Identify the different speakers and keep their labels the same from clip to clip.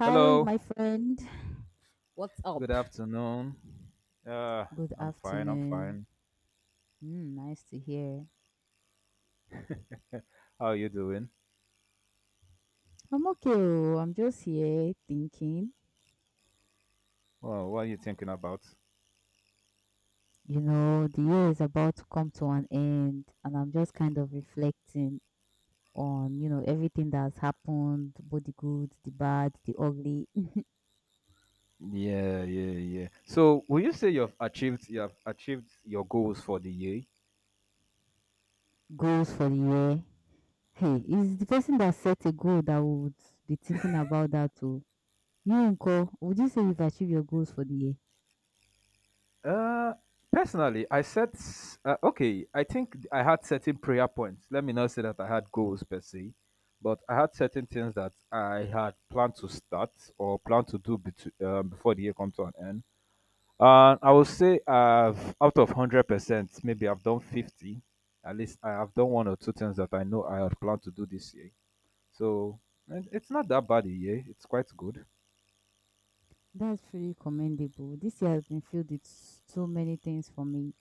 Speaker 1: Hi,
Speaker 2: Hello,
Speaker 1: my friend. What's
Speaker 2: good
Speaker 1: up?
Speaker 2: afternoon. Uh,
Speaker 1: Good
Speaker 2: I'm fine, I'm
Speaker 1: afternoon.
Speaker 2: fine.
Speaker 1: Mm, nice to hear.
Speaker 2: How are you doing?
Speaker 1: I'm okay. Oh, I'm just here thinking.
Speaker 2: Well, what are you thinking about?
Speaker 1: You know, the year is about to come to an end, and I'm just kind of reflecting on, everything that's happened, both the good, the bad, the ugly.
Speaker 2: Yeah, yeah, yeah. So, will you say you have achieved your goals for the year?
Speaker 1: Goals for the year. Hey, is the person that set a goal that would be thinking about that too? You, Uncle, would you say you've achieved your goals for the year?
Speaker 2: Uh, personally, I set okay. I think I had certain prayer points. Let me not say that I had goals per se, but I had certain things that I had planned to start or planned to do before the year come to an end. I would say I've out of 100%, maybe I've done 50. At least I have done one or two things that I know I had planned to do this year. So and it's not that bad a year. It's quite good.
Speaker 1: That's really commendable. This year has been filled with so many things for me.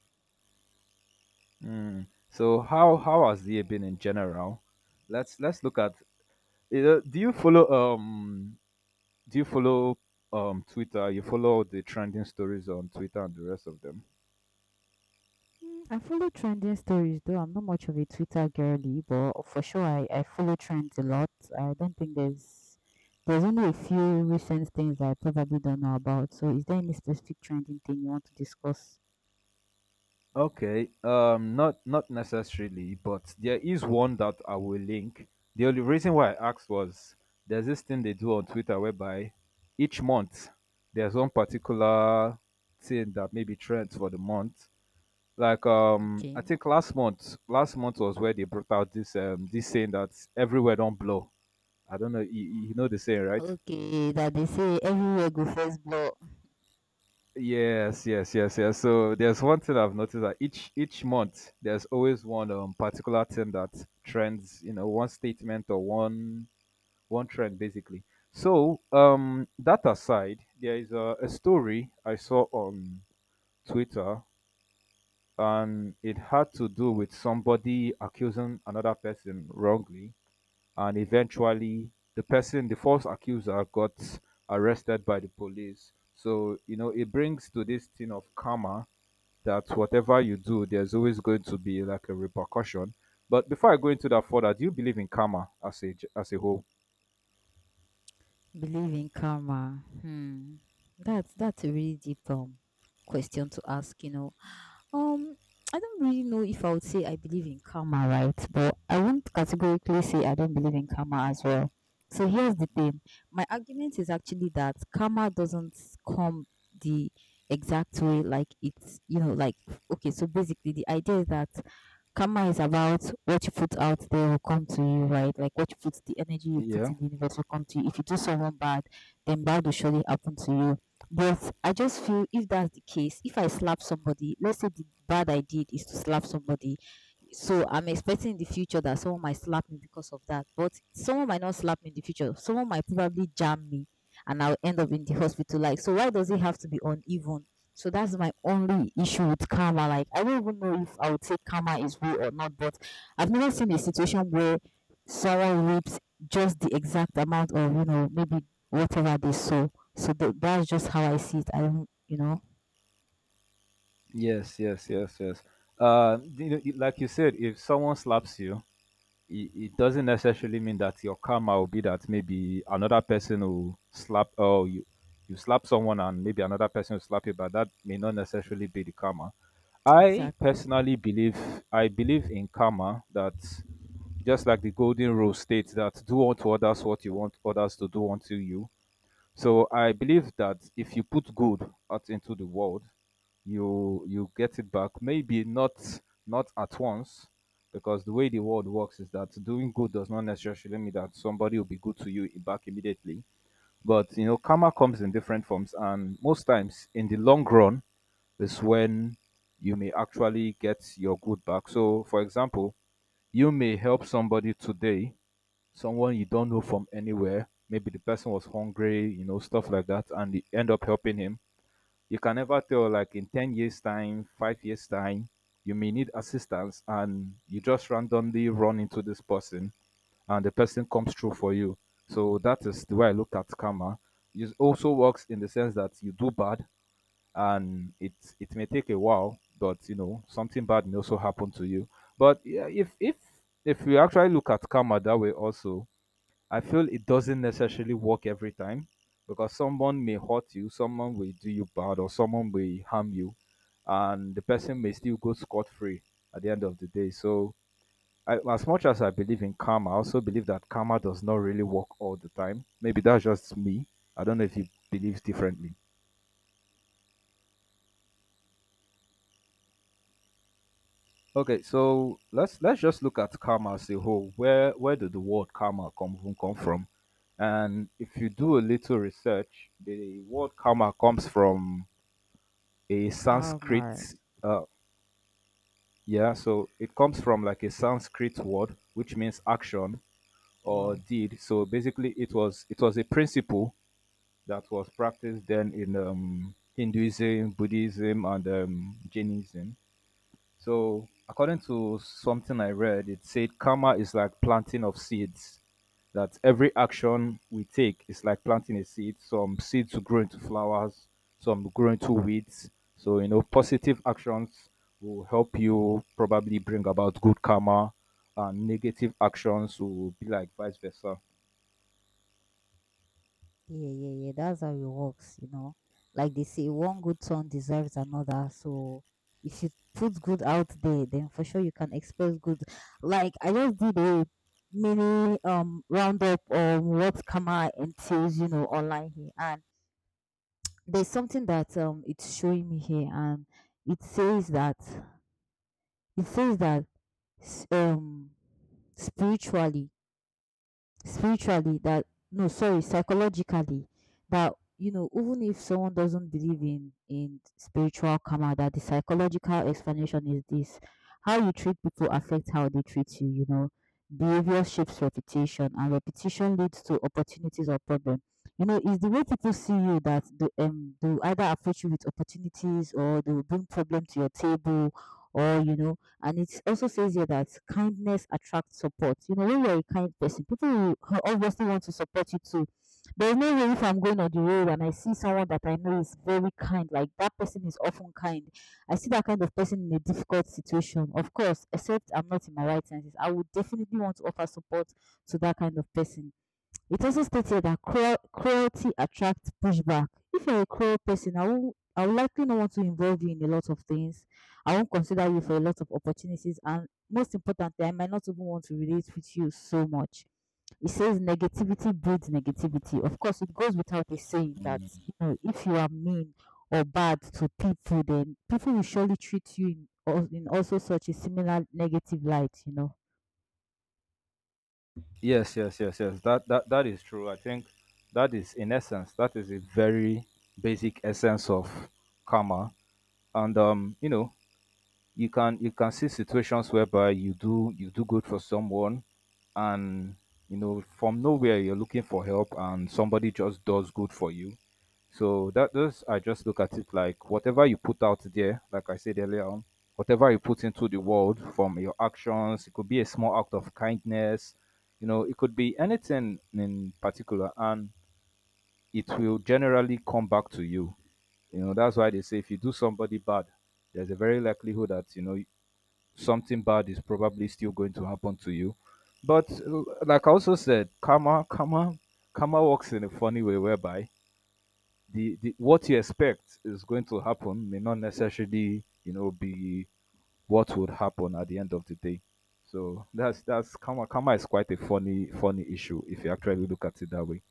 Speaker 2: Mm. So how has the year been in general? Let's look at. You know, do you follow Twitter? You follow the trending stories on Twitter and the rest of them.
Speaker 1: Mm, I follow trending stories though. I'm not much of a Twitter girly, but for sure I follow trends a lot. I don't think there's only a few recent things that I probably don't know about. So is there any specific trending thing you want to discuss?
Speaker 2: Okay, not necessarily, but there is one that I will link. The only reason why I asked was there's this thing they do on Twitter whereby each month there's one particular thing that maybe trends for the month. Like I
Speaker 1: Okay.
Speaker 2: think last month was where they brought out this this saying that everywhere don't blow. I don't know, you know the saying, right?
Speaker 1: Okay, that they say everywhere go first blood.
Speaker 2: Yes, yes, yes, yes. So there's one thing I've noticed that each month there's always one particular thing that trends, you know, one statement or one trend basically. So that aside, there is a story I saw on Twitter, and it had to do with somebody accusing another person wrongly, and eventually the person, the false accuser, got arrested by the police. So you know, it brings to this thing of karma that whatever you do, there's always going to be like a repercussion. But before I go into that further, do you believe in karma as a whole?
Speaker 1: Believe in karma. Hmm. That's a really deep question to ask, you know. Um, I don't really know if I would say I believe in karma, right? But I won't categorically say I don't believe in karma as well. So here's the thing. My argument is actually that karma doesn't come the exact way like it's, you know, like okay, so basically the idea is that karma is about what you put out there will come to you, right? Like what you put, the energy you put
Speaker 2: Yeah.
Speaker 1: in the universe will come to you. If you do someone bad, then bad will surely happen to you. But I just feel if that's the case, if I slap somebody, let's say the bad I did is to slap somebody, so I'm expecting in the future that someone might slap me because of that. But someone might not slap me in the future. Someone might probably jam me and I'll end up in the hospital. Like, so why does it have to be uneven? So that's my only issue with karma. Like, I don't even know if I would say karma is real or not, but I've never seen a situation where someone reaps just the exact amount of, you know, maybe whatever they sow. So that's just how I see it. I don't, you know.
Speaker 2: Yes, yes, yes, yes. You know, like you said, if someone slaps you, it doesn't necessarily mean that your karma will be that maybe another person will slap or you slap someone and maybe another person will slap you, but that may not necessarily be the karma. I
Speaker 1: Exactly.
Speaker 2: personally believe I believe in karma that just like the golden rule states that do unto others what you want others to do unto you. So I believe that if you put good out into the world, you get it back. Maybe not at once, because the way the world works is that doing good does not necessarily mean that somebody will be good to you back immediately. But you know, karma comes in different forms, and most times in the long run is when you may actually get your good back. So, for example, you may help somebody today someone you don't know from anywhere. Maybe the person was hungry, you know, stuff like that, and you end up helping him. You can never tell, like in 10 years' time, 5 years' time, you may need assistance, and you just randomly run into this person, and the person comes through for you. So that is the way I look at karma. It also works in the sense that you do bad, and it may take a while, but you know something bad may also happen to you. But yeah, if we actually look at karma that way, also I feel it doesn't necessarily work every time because someone may hurt you, someone will do you bad, or someone may harm you, and the person may still go scot free at the end of the day. So, I, as much as I believe in karma, I also believe that karma does not really work all the time. Maybe that's just me. I don't know if you believe differently. Okay, so let's just look at karma as a whole. Where did the word karma come even come from? And if you do a little research, the word karma comes from a
Speaker 1: Karma.
Speaker 2: Sanskrit, uh, yeah, so it comes from like a Sanskrit word which means action or
Speaker 1: Wow.
Speaker 2: deed. So basically, it was a principle that was practiced then in Hinduism, Buddhism, and Jainism. So, according to something I read, it said karma is like planting of seeds. That every action we take is like planting a seed. Some seeds will grow into flowers, some will grow into weeds. So, you know, positive actions will help you probably bring about good karma, and negative actions will be like vice versa.
Speaker 1: Yeah, yeah, yeah. That's how it works, you know. Like they say, one good turn deserves another. So if you put good out there, then for sure you can expect good. Like I just did a mini roundup on what karma entails, you know, online here, and there's something that it's showing me here, and it says that it says that s- um spiritually that no, sorry, psychologically that, you know, even if someone doesn't believe in spiritual karma, that the psychological explanation is this: how you treat people affects how they treat you, you know, behavior shapes reputation and repetition leads to opportunities or problem. You know, it's the way people see you that they will either approach you with opportunities or they will bring problem to your table, or, you know. And it also says here that kindness attracts support. You know, when you're a kind person, people will obviously want to support you too. There's no way if I'm going on the road and I see someone that I know is very kind, like that person is often kind. I see that kind of person in a difficult situation. Of course, except I'm not in my right senses, I would definitely want to offer support to that kind of person. It also stated that cruelty attracts pushback. If you're a cruel person, I will likely not want to involve you in a lot of things. I won't consider you for a lot of opportunities, and most importantly, I might not even want to relate with you so much. It says negativity breeds negativity. Of course, it goes without a saying that, you know, if you are mean or bad to people, then people will surely treat you in also such a similar negative light. You know.
Speaker 2: Yes, yes, yes, yes. That is true. I think that is a very basic essence of karma. And you know, you can see situations whereby you do good for someone and you know from nowhere you're looking for help and somebody just does good for you so that those I just look at it like whatever you put out there, like I said earlier on, whatever you put into the world from your actions, it could be a small act of kindness, you know, it could be anything in particular, and it will generally come back to you. You know, that's why they say if you do somebody bad, there's a very likelihood that you know something bad is probably still going to happen to you. But like I also said, karma works in a funny way whereby the what you expect is going to happen may not necessarily you know be what would happen at the end of the day. So that's karma. Karma is quite a funny issue if you actually look at it that way.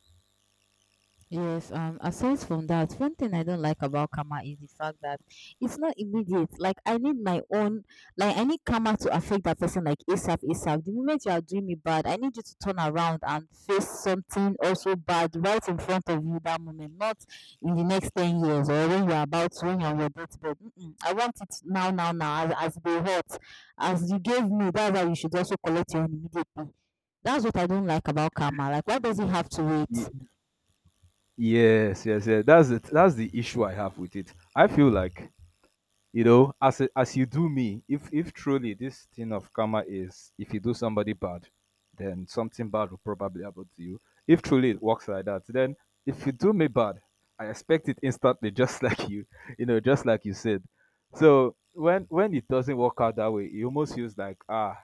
Speaker 1: Yes. Aside from that, one thing I don't like about karma is the fact that it's not immediate. Like I need my own, like I need karma to affect that person like ASAP, ASAP. The moment you are doing me bad, I need you to turn around and face something also bad right in front of you that moment, not in the next 10 years or when you are about to when you're on your deathbed. Mm-mm. I want it now, now, now, as they hurt, as you gave me. That's how you should also collect your own immediately. That's what I don't like about karma. Like why does it have to
Speaker 2: Y-
Speaker 1: wait?
Speaker 2: Yes, yes, yes. That's it. That's the issue I have with it. I feel like you know as you do me, if truly this thing of karma is, if you do somebody bad then something bad will probably happen to you. If truly it works like that, then if you do me bad, I expect it instantly, just like you know, just like you said. So when it doesn't work out that way, it almost feels like ah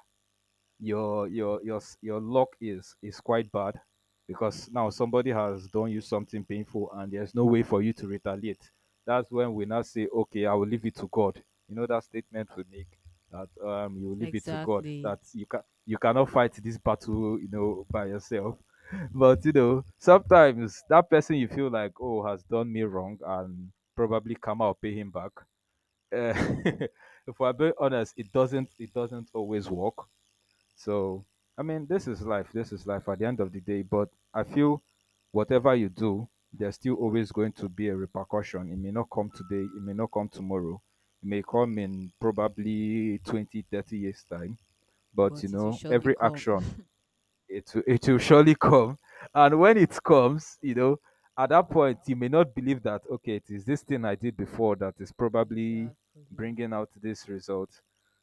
Speaker 2: your your luck is quite bad because now somebody has done you something painful and there's no way for you to retaliate. That's when we now say okay, I will leave it to God. You know that statement we make that you leave it to God, that
Speaker 1: Exactly.
Speaker 2: you cannot fight this battle, you know, by yourself. But you know sometimes that person you feel like oh has done me wrong, and probably karma will pay him back, uh, if we're being honest, it doesn't always work. So, I mean, this is life. At the end of the day. But I feel whatever you do, there's still always going to be a repercussion. It may not come today, it may not come tomorrow, it may come in probably 20, 30 years' time. But, you
Speaker 1: But it will
Speaker 2: know,
Speaker 1: surely
Speaker 2: every
Speaker 1: come.
Speaker 2: action, it will surely come. And when it comes, you know, at that point, you may not believe that, okay, it is this thing I did before that is probably
Speaker 1: Exactly.
Speaker 2: bringing out this result.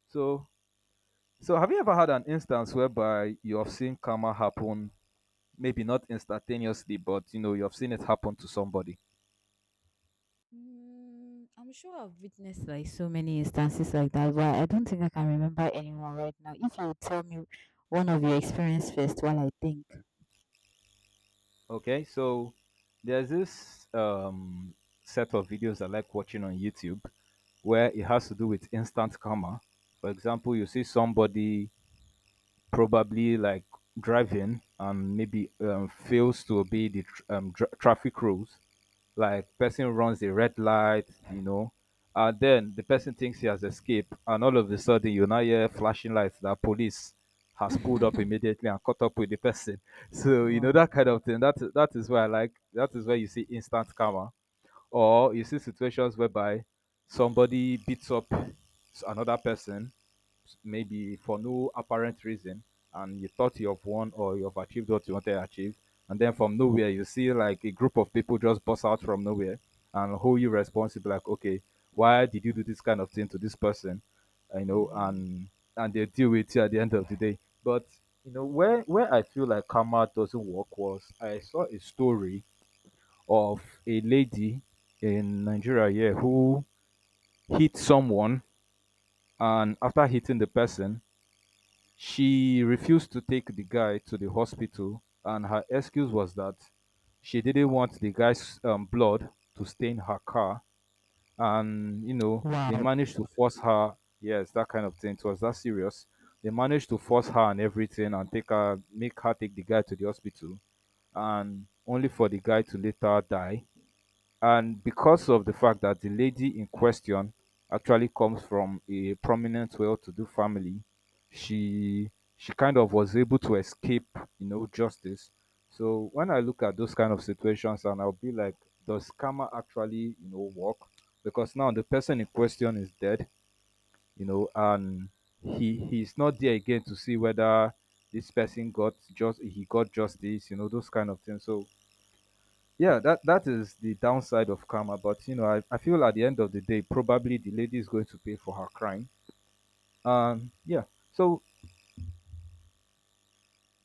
Speaker 2: So, so, have you ever had an instance whereby you have seen karma happen, maybe not instantaneously, but you know, you have seen it happen to somebody?
Speaker 1: Mm, I'm sure I've witnessed like so many instances like that, but I don't think I can remember anyone right now. If you tell me one of your experience first while I think.
Speaker 2: Okay, so there's this set of videos I like watching on YouTube where it has to do with instant karma. For example, you see somebody probably like driving and maybe fails to obey the traffic rules, like person runs the red light, you know, and then the person thinks he has escaped, and all of a sudden you now hear flashing lights that police has pulled up immediately and caught up with the person. So you know
Speaker 1: Wow.
Speaker 2: that kind of thing. That is where I like that is where you see instant karma, or you see situations whereby somebody beats up another person maybe for no apparent reason, and you thought you have won or you have achieved what you wanted to achieve. And then from nowhere you see like a group of people just bust out from nowhere and hold you responsible, like okay why did you do this kind of thing to this person, you know,
Speaker 1: Mm-hmm.
Speaker 2: and they deal with you at the end of the day. But you know where I feel like karma doesn't work was I saw a story of a lady in Nigeria here who hit someone, and after hitting the person she refused to take the guy to the hospital, and her excuse was that she didn't want the guy's blood to stain her car. And, you know, they
Speaker 1: Wow.
Speaker 2: managed to force her, yes, that kind of thing. It was that serious. They managed to force her and everything and take her, make her take the guy to the hospital, and only for the guy to later die. And because of the fact that the lady in question actually comes from a prominent well-to-do family, she she kind of was able to escape, you know, justice. So when I look at those kind of situations, and I'll be like, does karma actually you know work? Because now the person in question is dead, you know, and he's not there again to see whether this person got just he got justice, you know, those kind of things. So yeah, that that is the downside of karma. But you know, I feel at the end of the day, probably the lady is going to pay for her crime. Yeah. So